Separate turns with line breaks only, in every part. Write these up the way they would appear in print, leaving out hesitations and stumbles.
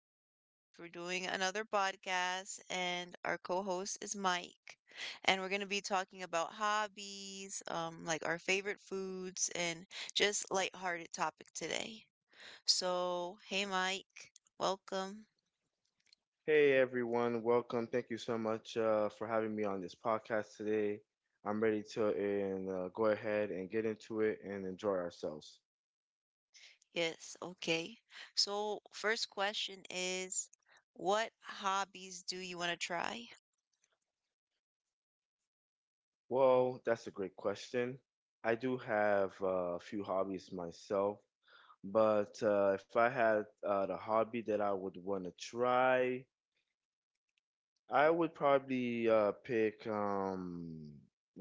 welcome guys. We're doing another podcast, and our co-host is Mike. And we're going to be talking about hobbies, like our favorite foods, and just lighthearted topic today. So, hey Mike, welcome.
Hey everyone, welcome. Thank you so much for having me on this podcast today. I'm ready to and, go ahead and get into it and enjoy ourselves.
Yes, okay. So, first question is, what hobbies do you want to try?
Well, that's a great question. I do have a few hobbies myself, but if I had the hobby that I would want to try, I would probably pick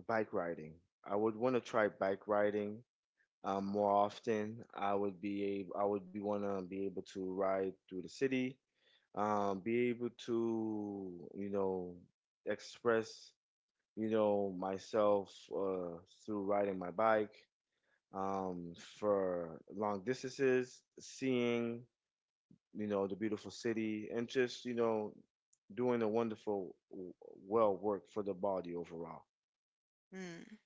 bike riding. I would want to try bike riding more often. I would be wanna be able to ride through the city, be able to express myself through riding my bike, for long distances, seeing, the beautiful city, and just, doing a wonderful, well work for the body overall.
Hmm.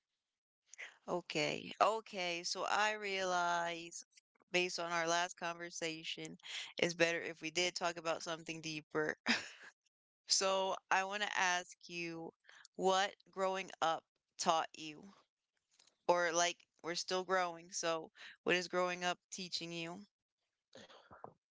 Okay, okay. So I realize, based on our last conversation, it's better if we did talk about something deeper. So I want to ask you what growing up taught you, or like we're still growing, so what is growing up teaching you?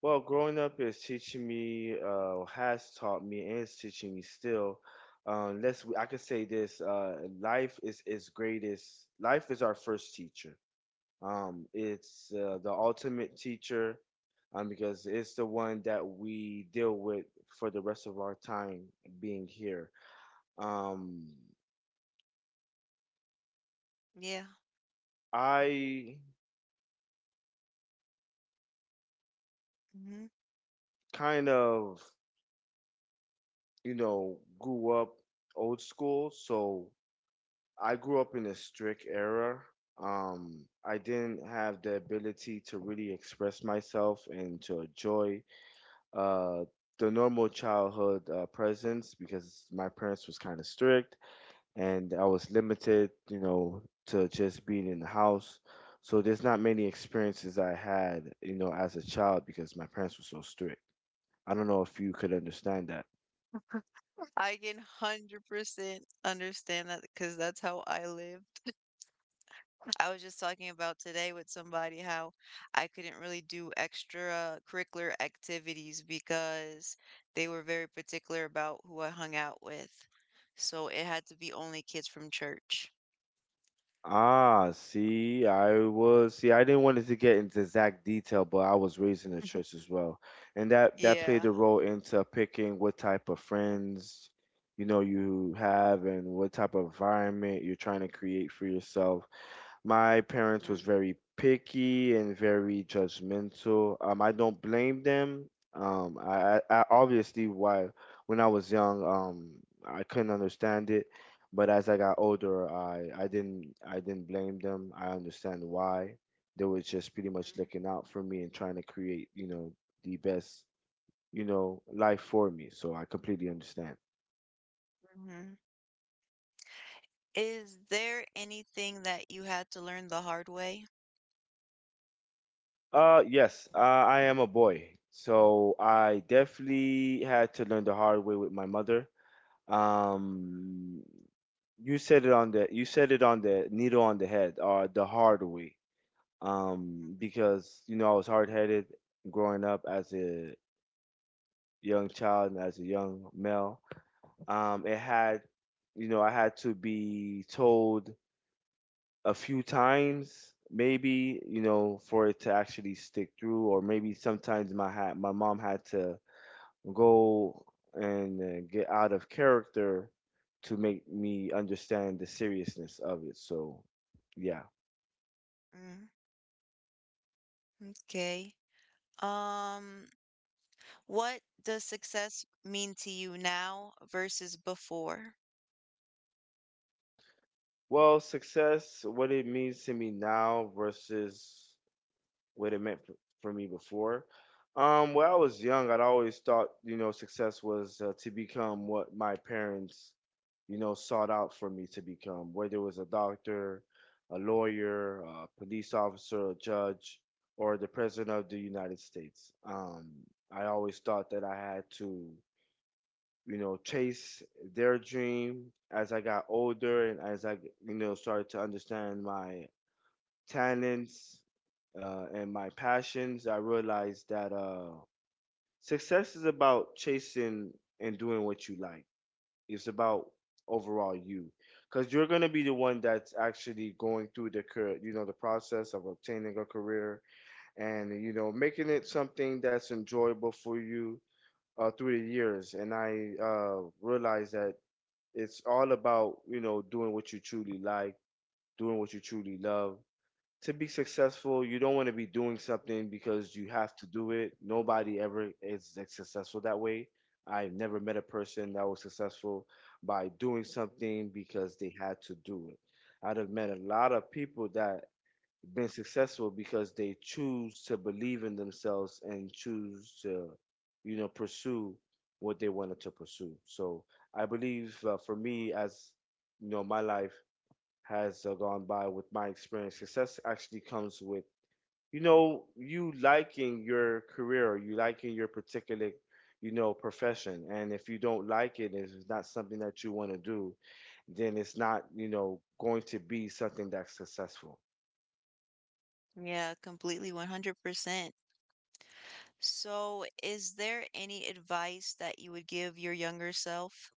Well, growing up is teaching me, has taught me, and is teaching me still. I could say this: life is its greatest. Life is our first teacher. It's the ultimate teacher, because it's the one that we deal with for the rest of our time being here. Um,
Yeah.
I
Hmm.
kind of, grew up old school, so I grew up in a strict era. I didn't have the ability to really express myself and to enjoy uh, the normal childhood presence because my parents was kind of strict and I was limited, to just being in the house. So there's not many experiences I had, as a child because my parents were so strict. I don't know if you could understand that.
I can 100% understand that because that's how I live. I was just talking about today with somebody how I couldn't really do extra curricular activities because they were very particular about who I hung out with. So it had to be only kids from church.
Ah, see, I didn't want to get into exact detail, but I was raised in a church as well, and that played
Yeah.
a role into picking what type of friends you know you have and what type of environment you're trying to create for yourself. My parents was
Mhm,
very picky and very judgmental. I don't blame them. I obviously why when I was young, I couldn't understand it, but as I got older, I didn't blame them. I understand why. They were just pretty much looking out for me and trying to create, the best, life for me. So I completely understand.
mhm. Is there anything that you had to learn the hard way?
Yes, I am a boy, so I definitely had to learn the hard way with my mother. Um, you said it on the you said it on the needle on the head, or the hard way. Because you know I was hard headed growing up as a young child and as a young male. It had, you know, I had to be told a few times maybe for it to actually stick through or maybe sometimes my mom had to go and get out of character to make me understand the seriousness of it, so yeah.
Mm, okay. Um, What does success mean to you now versus before?
Well, success what it means to me now versus what it meant for me before. When I was young, I'd always thought, success was to become what my parents, sought out for me to become, whether it was a doctor, a lawyer, a police officer, a judge, or the president of the United States. I always thought that I had to, chase their dream as I got older and as I, started to understand my talents, and my passions, I realized that success is about chasing and doing what you like. It's about overall you, because you're gonna be the one that's actually going through the you know the process of obtaining a career and you know making it something that's enjoyable for you through the years. And I realized that it's all about doing what you truly like, doing what you truly love to be successful, you don't want to be doing something because you have to do it. Nobody ever is like, successful that way. I've never met a person that was successful by doing something because they had to do it. I'd have met a lot of people that been successful because they choose to believe in themselves and choose to, pursue what they wanted to pursue. So I believe for me, as you know, my life has gone by with my experience. Success actually comes with, you liking your career, or you liking your particular, profession. And if you don't like it, if it's not something that you want to do, then it's not, going to be something that's successful.
Yeah, completely 100%. So, is there any advice that you would give your younger self?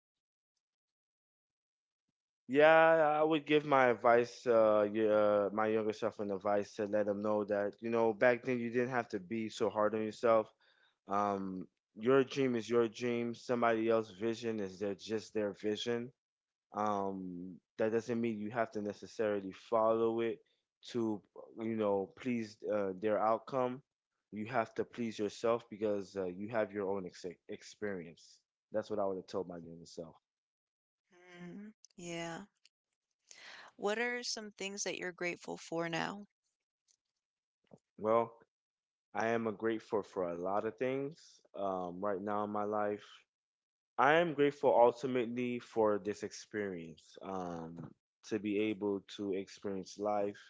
Yeah, I would give my advice, my younger self an advice to let them know that, back then you didn't have to be so hard on yourself. Um, your dream is your dream. Somebody else's vision is their vision. That doesn't mean you have to necessarily follow it to, please their outcome. You have to please yourself because you have your own experience. That's what I would have told my younger self.
Mm, yeah. What are some things that you're grateful for now?
Well, I am a grateful for a lot of things right now in my life. I am grateful ultimately for this experience, to be able to experience life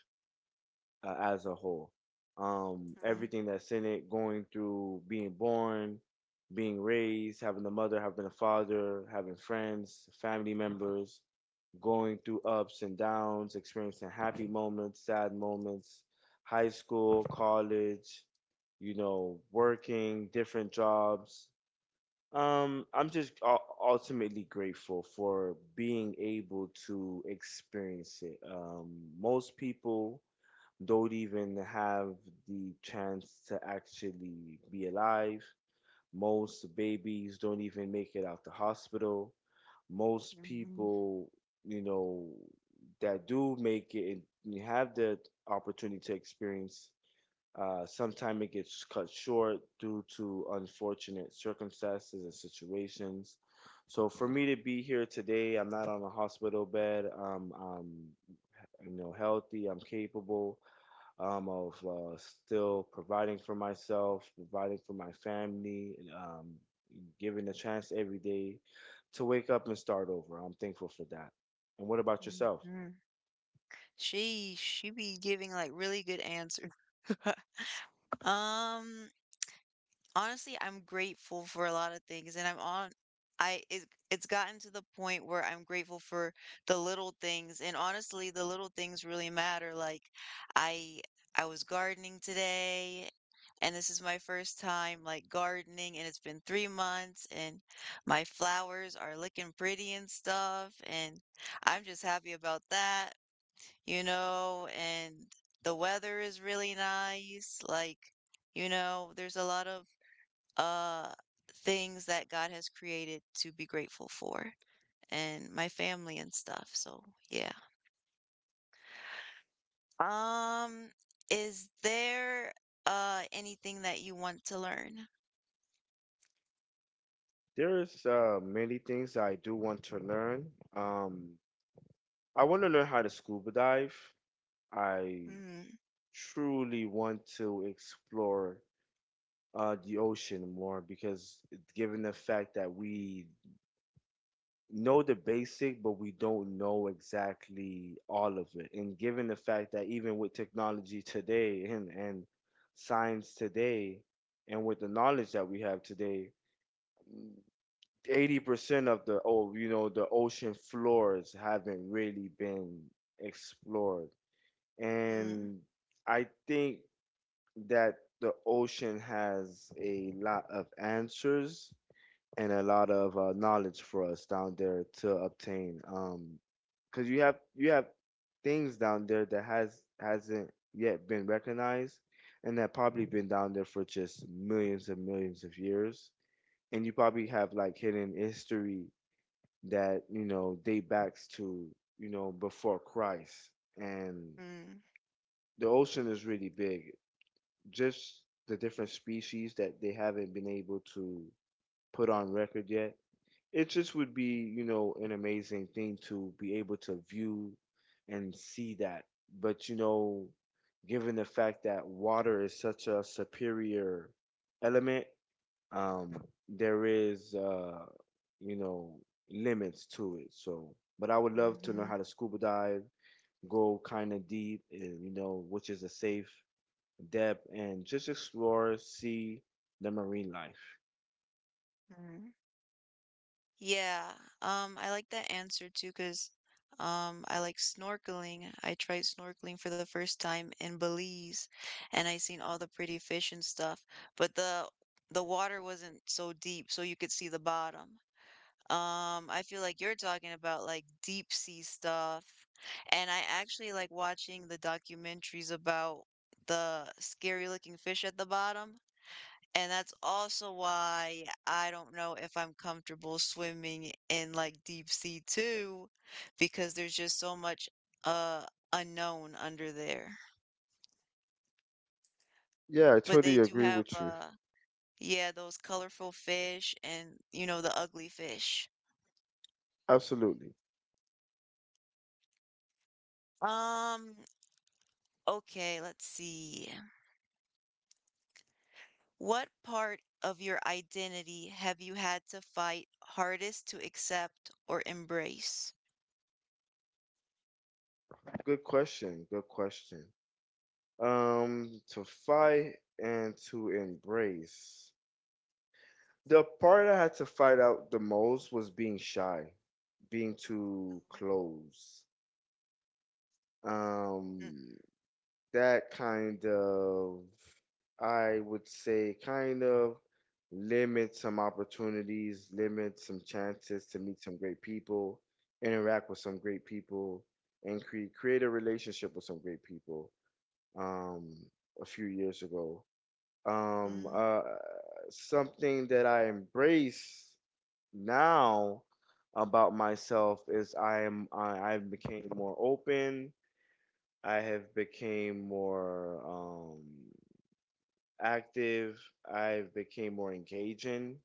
as a whole. Um,
Mm,
everything that's in it, going through being born, being raised, having a mother, having a father, having friends, family members, going through ups and downs, experiencing happy moments, sad moments, high school, college, working different jobs, I'm just ultimately grateful for being able to experience it. Most people don't even have the chance to actually be alive. Most babies don't even make it out the hospital. Most
mhm,
people, you know, that do make it and have the opportunity to experience sometimes it gets cut short due to unfortunate circumstances and situations. So for me to be here today, I'm not on a hospital bed. I'm healthy. I'm capable of still providing for myself, providing for my family, and, given a chance every day to wake up and start over. I'm thankful for that. And what about yourself?
mhm. She be giving like really good answers. Um, Honestly, I'm grateful for a lot of things, and I'm on. I it, it's gotten to the point where I'm grateful for the little things, and honestly, the little things really matter. Like, I I was gardening today, and this is my first time like gardening, and it's been 3 months, and my flowers are looking pretty and stuff, and I'm just happy about that, you know, and the weather is really nice, like. You know, there's a lot of uh things that God has created to be grateful for and my family and stuff. So, yeah. Um is there anything that you want to learn?
There's many things I do want to learn. Um, I want to learn how to scuba dive. I
Mm,
truly want to explore the ocean more because, given the fact that we know the basic, but we don't know exactly all of it, and given the fact that even with technology today and science today, and with the knowledge that we have today, 80% of the oh, you know, the ocean floors haven't really been explored.
mm,
And I think that the ocean has a lot of answers and a lot of knowledge for us down there to obtain. Because you have things down there that hasn't yet been recognized, and that probably been down there for just millions and millions of years. And you probably have like hidden history that date backs to before Christ. And
mm,
the ocean is really big. Just the different species that they haven't been able to put on record yet. It just would be, an amazing thing to be able to view and see that. But, given the fact that water is such a superior element, um, there is, you know, limits to it. So, but I would love to know
mm-hmm,
how to scuba dive, go kind of deep, and, which is a safe depth, and just explore, see the marine life.
mm. Yeah, I like that answer too, cause, I like snorkeling. I tried snorkeling for the first time in Belize, and I seen all the pretty fish and stuff, but the water wasn't so deep, so you could see the bottom. I feel like you're talking about like deep sea stuff, and I actually like watching the documentaries about the scary looking fish at the bottom and that's also why I don't know if I'm comfortable swimming in like deep sea too, because there's just so much uh unknown under there.
Yeah, I
But they
totally
do
agree
have
with you.
yeah, those colorful fish and you know the ugly fish.
Absolutely.
Um, okay, let's see. What part of your identity have you had to fight hardest to accept or embrace?
Good question. Good question. To fight and to embrace. The part I had to fight out the most was being shy, being too close.
Mm,
Um, that kind of, I would say, kind of limit some opportunities, limit some chances to meet some great people, interact with some great people, and create a relationship with some great people. Um, a few years ago, um,
mm.
uh, something that I embrace now about myself is I've became more open. I have became more active. I've became more engaging.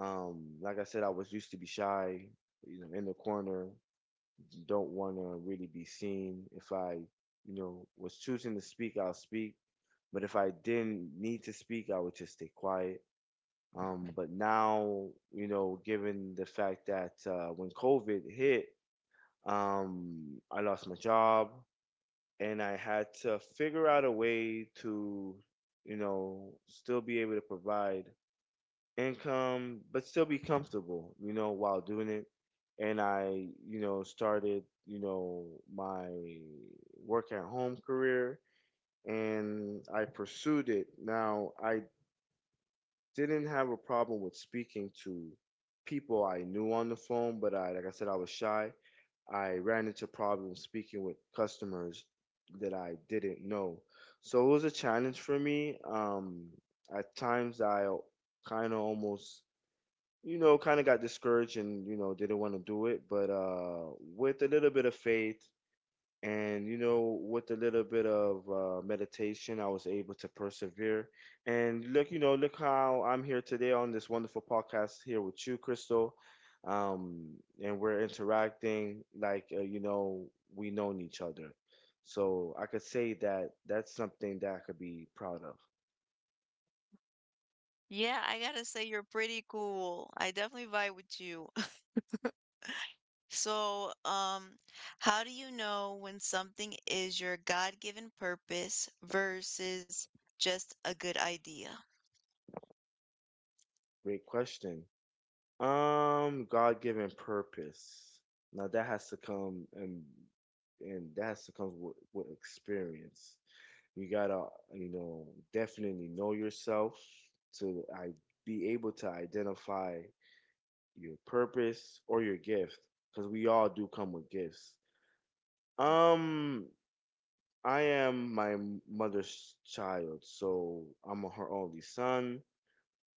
Like I said, I was used to be shy, in the corner. Don't want to really be seen. If I, was choosing to speak, I'll speak. But if I didn't need to speak, I would just stay quiet. But now, given the fact that when COVID hit, I lost my job. And I had to figure out a way to, still be able to provide income, but still be comfortable, while doing it. And I, started, my work at home career and I pursued it. Now, I didn't have a problem with speaking to people I knew on the phone, but I, like I said, I was shy. I ran into problems speaking with customers that I didn't know. So it was a challenge for me. At times, I kind of almost, kind of got discouraged and, didn't want to do it. But with a little bit of faith and with a little bit of meditation, I was able to persevere. And look, you know, look how I'm here today on this wonderful podcast here with you, Crystal. Um, and we're interacting like we known each other. So I could say that that's something that I could be proud of.
Yeah, I gotta say you're pretty cool. I definitely vibe with you. So, how do you know when something is your God-given purpose versus just a good idea?
Great question. God-given purpose. Now that has to come and that has to come with experience. You gotta, definitely know yourself to I be able to identify your purpose or your gift, because we all do come with gifts.
Mhm.
Um, I am my mother's child, so I'm her only son.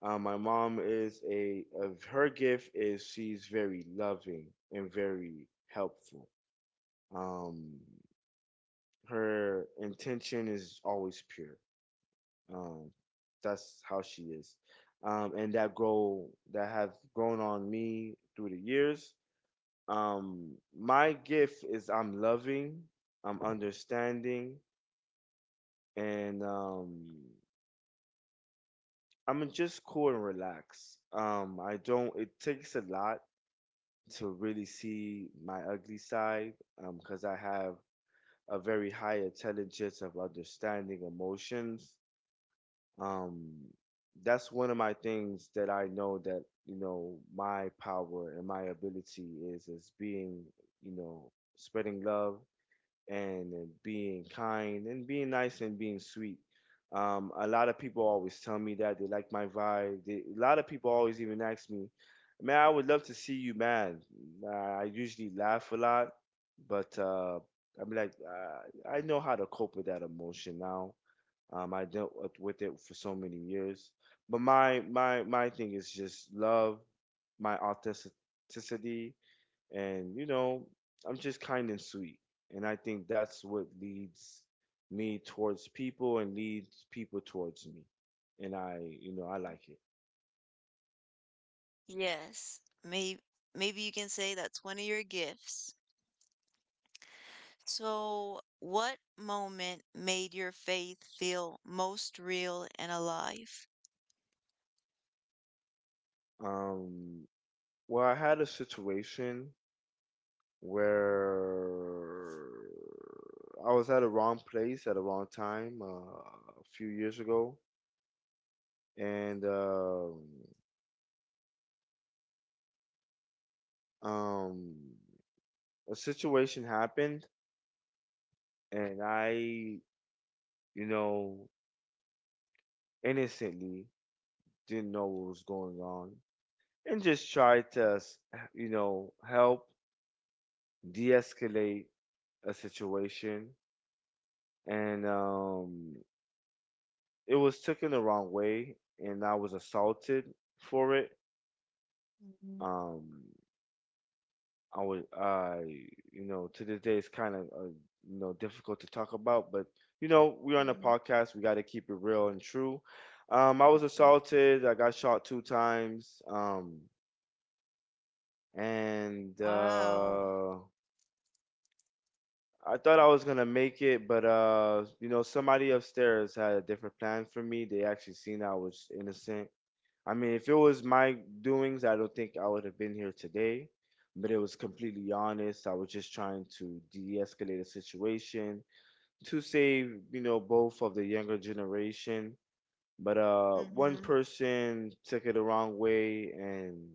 My mom is a, of her gift is she's very loving and very helpful. Um, Her intention is always pure. Um, that's how she is, and that grow that have grown on me through the years. My gift is I'm loving, I'm understanding, and I'm just cool and relaxed. I don't. It takes a lot to really see my ugly side, because I have a very high intelligence of understanding emotions Um, that's one of my things that I know that, you know, my power and my ability is being, spreading love and being kind and being nice and being sweet. A lot of people always tell me that they like my vibe. They, a lot of people always even ask me, "Man, I would love to see you mad." I usually laugh a lot, but I'm like, I know how to cope with that emotion now. I dealt with it for so many years, but my thing is just love, my authenticity, and I'm just kind and sweet, and I think that's what leads me towards people and leads people towards me, and I you know I like it.
Yes. Maybe you can say that's one of your gifts. So, what moment made your faith feel most real and alive?
Um, well, I had a situation where I was at a wrong place at a wrong time a few years ago and um, a situation happened, and I, you know, innocently didn't know what was going on, and just tried to, you know, help de-escalate a situation, and it was taken the wrong way, and I was assaulted for it.
Mhm.
Um, I would, I, you know, to this day it's kind of, you know, difficult to talk about, but you know, we're on a podcast. We got to keep it real and true. I was assaulted. I got shot two times. And
Wow.
I thought I was gonna make it, but you know, somebody upstairs had a different plan for me. They actually seen I was innocent. I mean, if it was my doings, I don't think I would have been here today. But it was completely honest. I was just trying to de escalate a situation to save, you know, both of the younger generation. But one
Mm-hmm.
person took it the wrong way and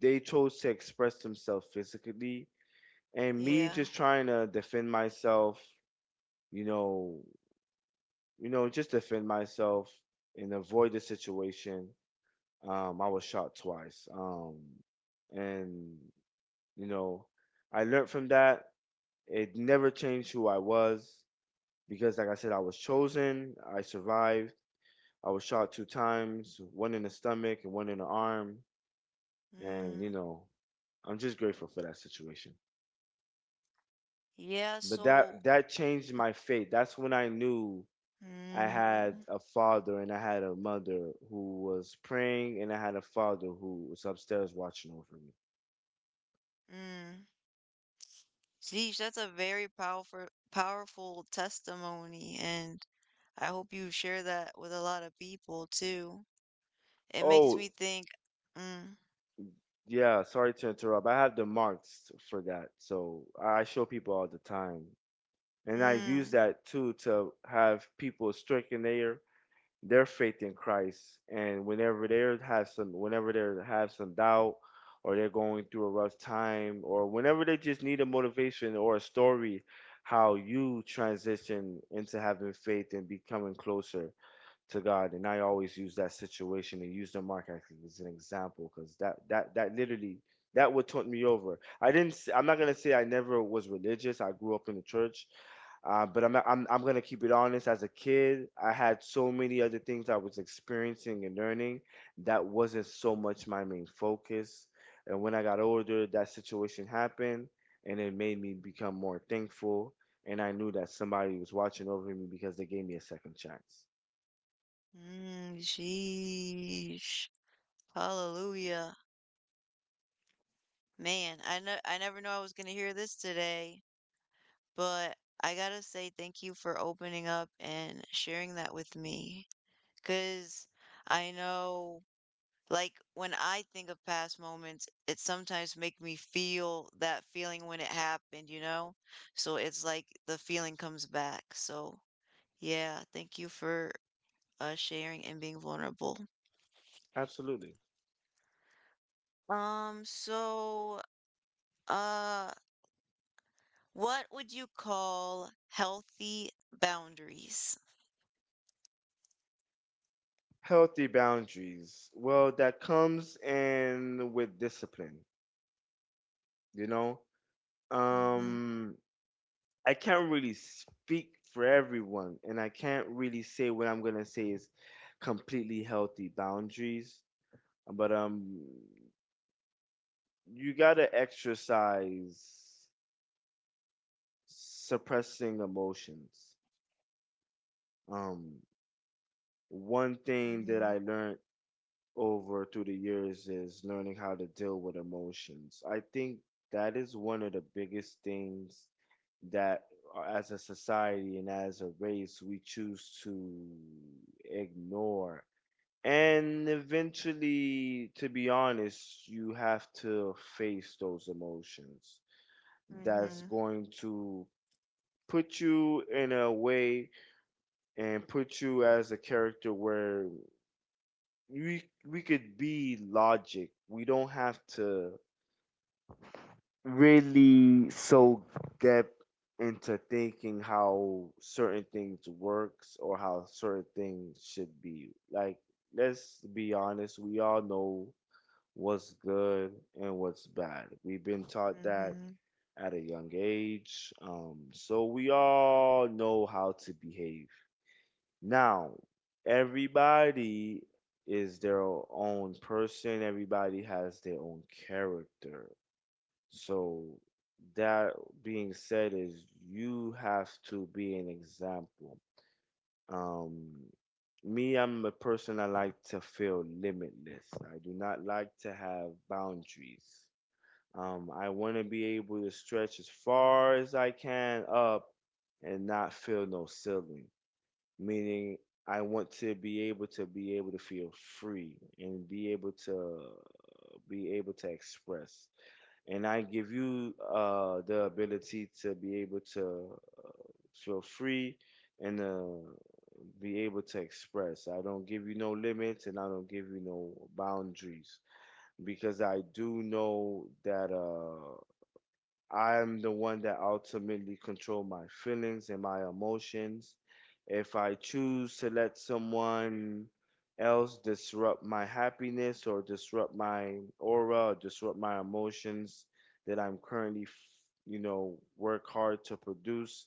they chose to express themselves physically. And me
Yeah.
just trying to defend myself, you know, just defend myself and avoid the situation. I was shot twice. And you know, I learned from that. It never changed who I was because, like I said, I was chosen. I survived. I was shot two times, one in the stomach and one in the arm. And you
Mm.
know, I'm just grateful for that situation.
Yeah,
But
so
that changed my fate. That's when I knew I had
mm,
a father and I had a mother who was praying, and I had a father who was upstairs watching over me.
mm. Geez, that's a very powerful testimony and I hope you share that with a lot of people too. It makes
Oh,
me think mm,
yeah, sorry to interrupt. I have the marks for that. So I show people all the time. And I use
mm.
that too to have people strengthen their faith in Christ. And whenever they have some doubt or they're going through a rough time or whenever they just need a motivation or a story, how you transition into having faith and becoming closer to God, and I always use that situation and use the mark as an example because that literally that would turned me over. I didn't. I'm not I am not going to say I never was religious. I grew up in the church, but I'm, not, I'm gonna keep it honest. As a kid, I had so many other things I was experiencing and learning that wasn't so much my main focus. And when I got older, that situation happened, and it made me become more thankful. And I knew that somebody was watching over me because they gave me a second chance.
Mm, jeez. Hallelujah. Man, I know I never knew I was gonna hear this today, but I gotta say thank you for opening up and sharing that with me. Cause I know like when I think of past moments, it sometimes make me feel that feeling when it happened, you know? So it's like the feeling comes back. So yeah, thank you for sharing and being vulnerable.
Absolutely.
Um, so Uh, what would you call healthy boundaries?
Healthy boundaries. Well, that comes in with discipline, you know?
Mm-hmm.
Um I can't really speak for everyone and I can't really say what I'm going to say is completely healthy boundaries, but you got to exercise suppressing emotions. Um One thing that
Mm-hmm.
I learned over through the years is learning how to deal with emotions. I think that is one of the biggest things that as a society and as a race we choose to ignore. And eventually, to be honest, you have to face those emotions. That's
Mm-hmm.
going to put you in a way and put you as a character where we we could be logic. We don't have to really so depth into thinking how certain things works or how certain things should be. Like, let's be honest, we all know what's good and what's bad. We've been taught that
Mm-hmm.
at a young age. So we all know how to behave now, everybody is their own person, everybody has their own character. So, that being said, is you have to be an example. Um, Me, I'm a person I like to feel limitless. I do not like to have boundaries. I want to be able to stretch as far as I can up and not feel no ceiling meaning I want to be able to feel free and be able to express. And I give you the ability to be able to feel free and be able to express. I don't give you no limits and I don't give you no boundaries because I do know that. I'm the one that ultimately control my feelings and my emotions. If I choose to let someone else disrupt my happiness or disrupt my aura, or disrupt my emotions that I'm currently, you know, work hard to produce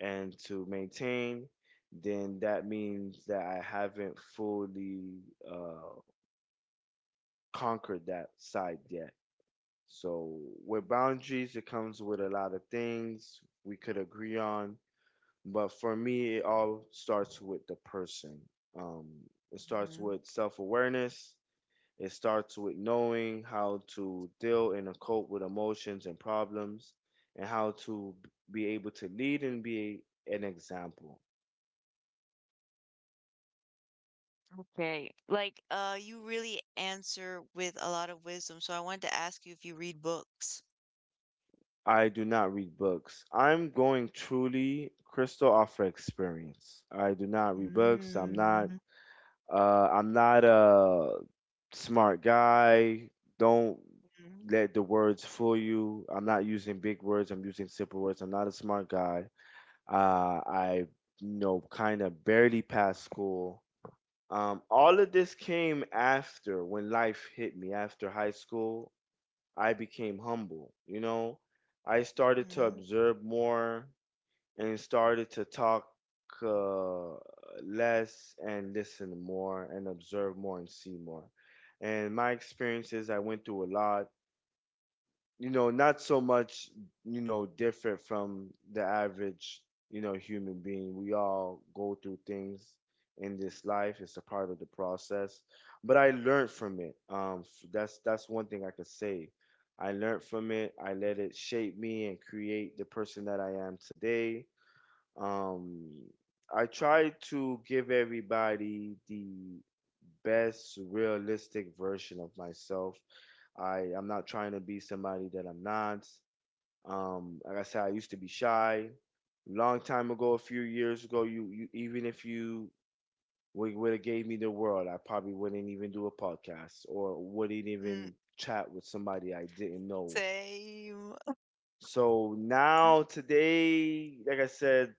and to maintain, then that means that I haven't fully uh, conquered that side yet. So with boundaries, it comes with a lot of things we could agree on, but for me, it all starts with the person. Um, it starts
Mm-hmm.
with self-awareness. It starts with knowing how to deal and cope with emotions and problems, and how to be able to lead and be an example.
Okay. Like, you really answer with a lot of wisdom, so I wanted to ask you if you read books.
I do not read books. I'm going truly crystal off for experience. I do not read books. I'm not.
Mm-hmm.
I'm not a smart guy. Don't let the words fool you. I'm not using big words. I'm using simple words. I'm not a smart guy. I, you know, kind of barely passed school. All of this came after when life hit me. After high school, I became humble. You know, I started to
Mm-hmm.
observe more and started to talk uh, less and listen more and observe more and see more. And my experiences, I went through a lot, you know, not so much, you know, different from the average, you know, human being. We all go through things in this life. It's a part of the process. But I learned from it. That's one thing I could say. I learned from it. I let it shape me and create the person that I am today um, I try to give everybody the best realistic version of myself. I'm not trying to be somebody that I'm not. Like I said, I used to be shy. Long time ago, a few years ago, you even if you would have gave me the world, I probably wouldn't even do a podcast or wouldn't even chat with somebody I didn't know.
Same,
So now today, like I said,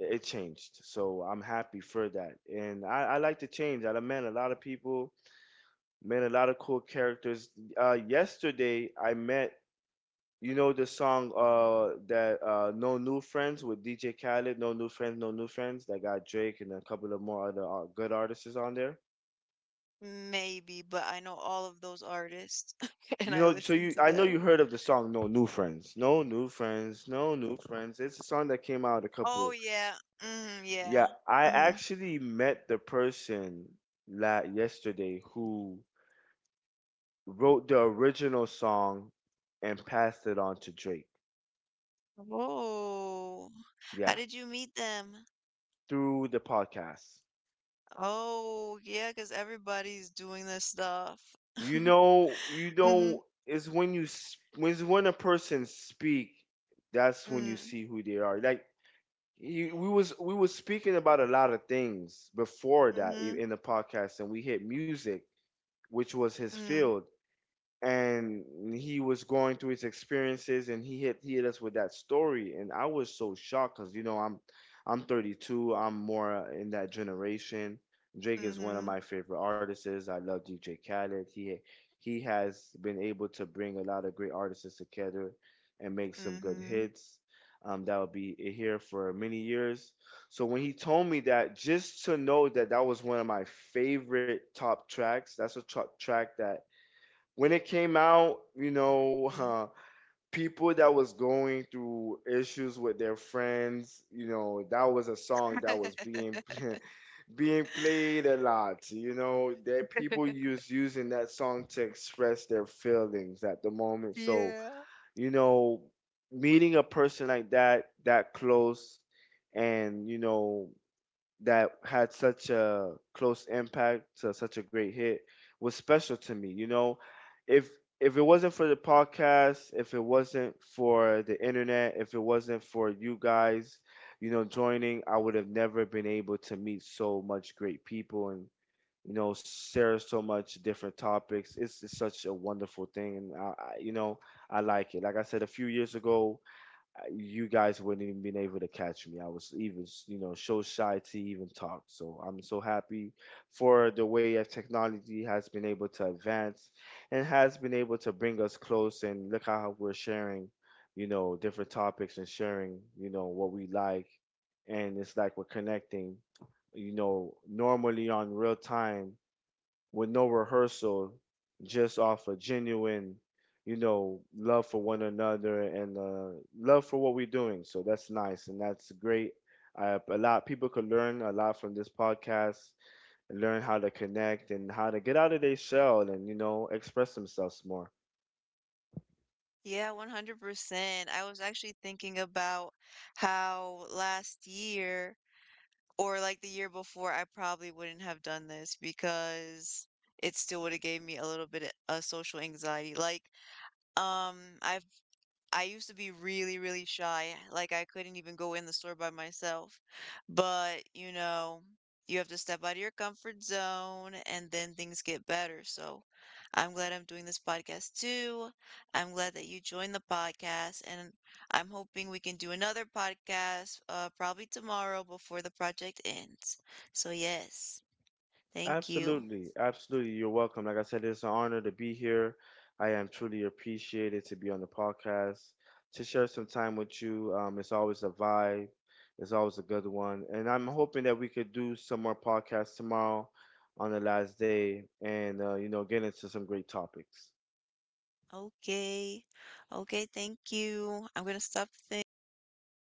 it changed. So I'm happy for that. And I like to change. I met a lot of people, met a lot of cool characters. Yesterday, I met, you know, the song that No New Friends with DJ Khaled, No New Friends, No New Friends, that got Drake and a couple of more other good artists on there.
maybe, but I know all of those artists and
You
I
know, so
listen
you
to
I know
them.
you heard of the song No New Friends. No New Friends, No New Friends. It's a song that came out a
Oh
couple.
yeah, mm, yeah.
Yeah, I
Mhm.
actually met the person la yesterday who wrote the original song and passed it on to Drake.
Oh, how
Yeah,
did you meet them?
through the podcast.
Oh, yeah, cause everybody's doing this stuff.
You know,
Mm-hmm.
it's when you when a person speak, that's when you
Mm.
see who they are. Like you, we was speaking about a lot of things before that
Mm-hmm.
i- in the podcast, and we hit music, which was his
Mm.
field, and he was going through his experiences and he hit us with that story, and I was so shocked because you know I'm 32. I'm more in that generation. Drake is one of
Mm-hmm.
my favorite artists. I love DJ Khaled. He has been able to bring a lot of great artists together and make some good
Mm-hmm.
hits that will be here for many years. So when he told me that, just to know that that was one of my favorite top tracks, that's a track that when it came out, you know,
Mm.
people that was going through issues with their friends, you know, that was a song that was being being played a lot. You know, that people use using that song to express their feelings at the moment. So,
Yeah.
you know, meeting a person like that, that close, and you know, that had such a close impact to such a great hit, was special to me. You know, if if it wasn't for the podcast, if it wasn't for the internet, if it wasn't for you guys, you know, joining, I would have never been able to meet so much great people and you know share so much different topics. It's such a wonderful thing, and I you know I like it. Like I said a few years ago, you guys wouldn't even been able to catch me. I was even, you know, so shy to even talk. So I'm so happy for the way of technology has been able to advance and has been able to bring us close. And look how we're sharing, you know, different topics and sharing, you know, what we like. And it's like we're connecting, you know, normally on real time with no rehearsal, just off a genuine, you know, love for one another and love for what we're doing. So that's nice and that's great. A lot people could learn a lot from this podcast and learn how to connect and how to get out of their shell and you know express themselves more.
Yeah, 100%. I was actually thinking about how last year or like the year before, I probably wouldn't have done this because it still would have gave me a little bit of social anxiety. Like, um, I I used to be really, really shy. Like I couldn't even go in the store by myself. But, you know, you have to step out of your comfort zone and then things get better. So I'm glad I'm doing this podcast too. I'm glad that you joined the podcast and I'm hoping we can do another podcast probably tomorrow before the project ends. So yes, thank you.
Absolutely, absolutely. You're welcome. Like I said, it's an honor to be here. I am truly appreciated to be on the podcast to share some time with you. It's always a vibe. It's always a good one, and I'm hoping that we could do some more podcasts tomorrow on the last day, and you know, get into some great topics.
Okay. Okay, thank you. I'm gonna stop the thing.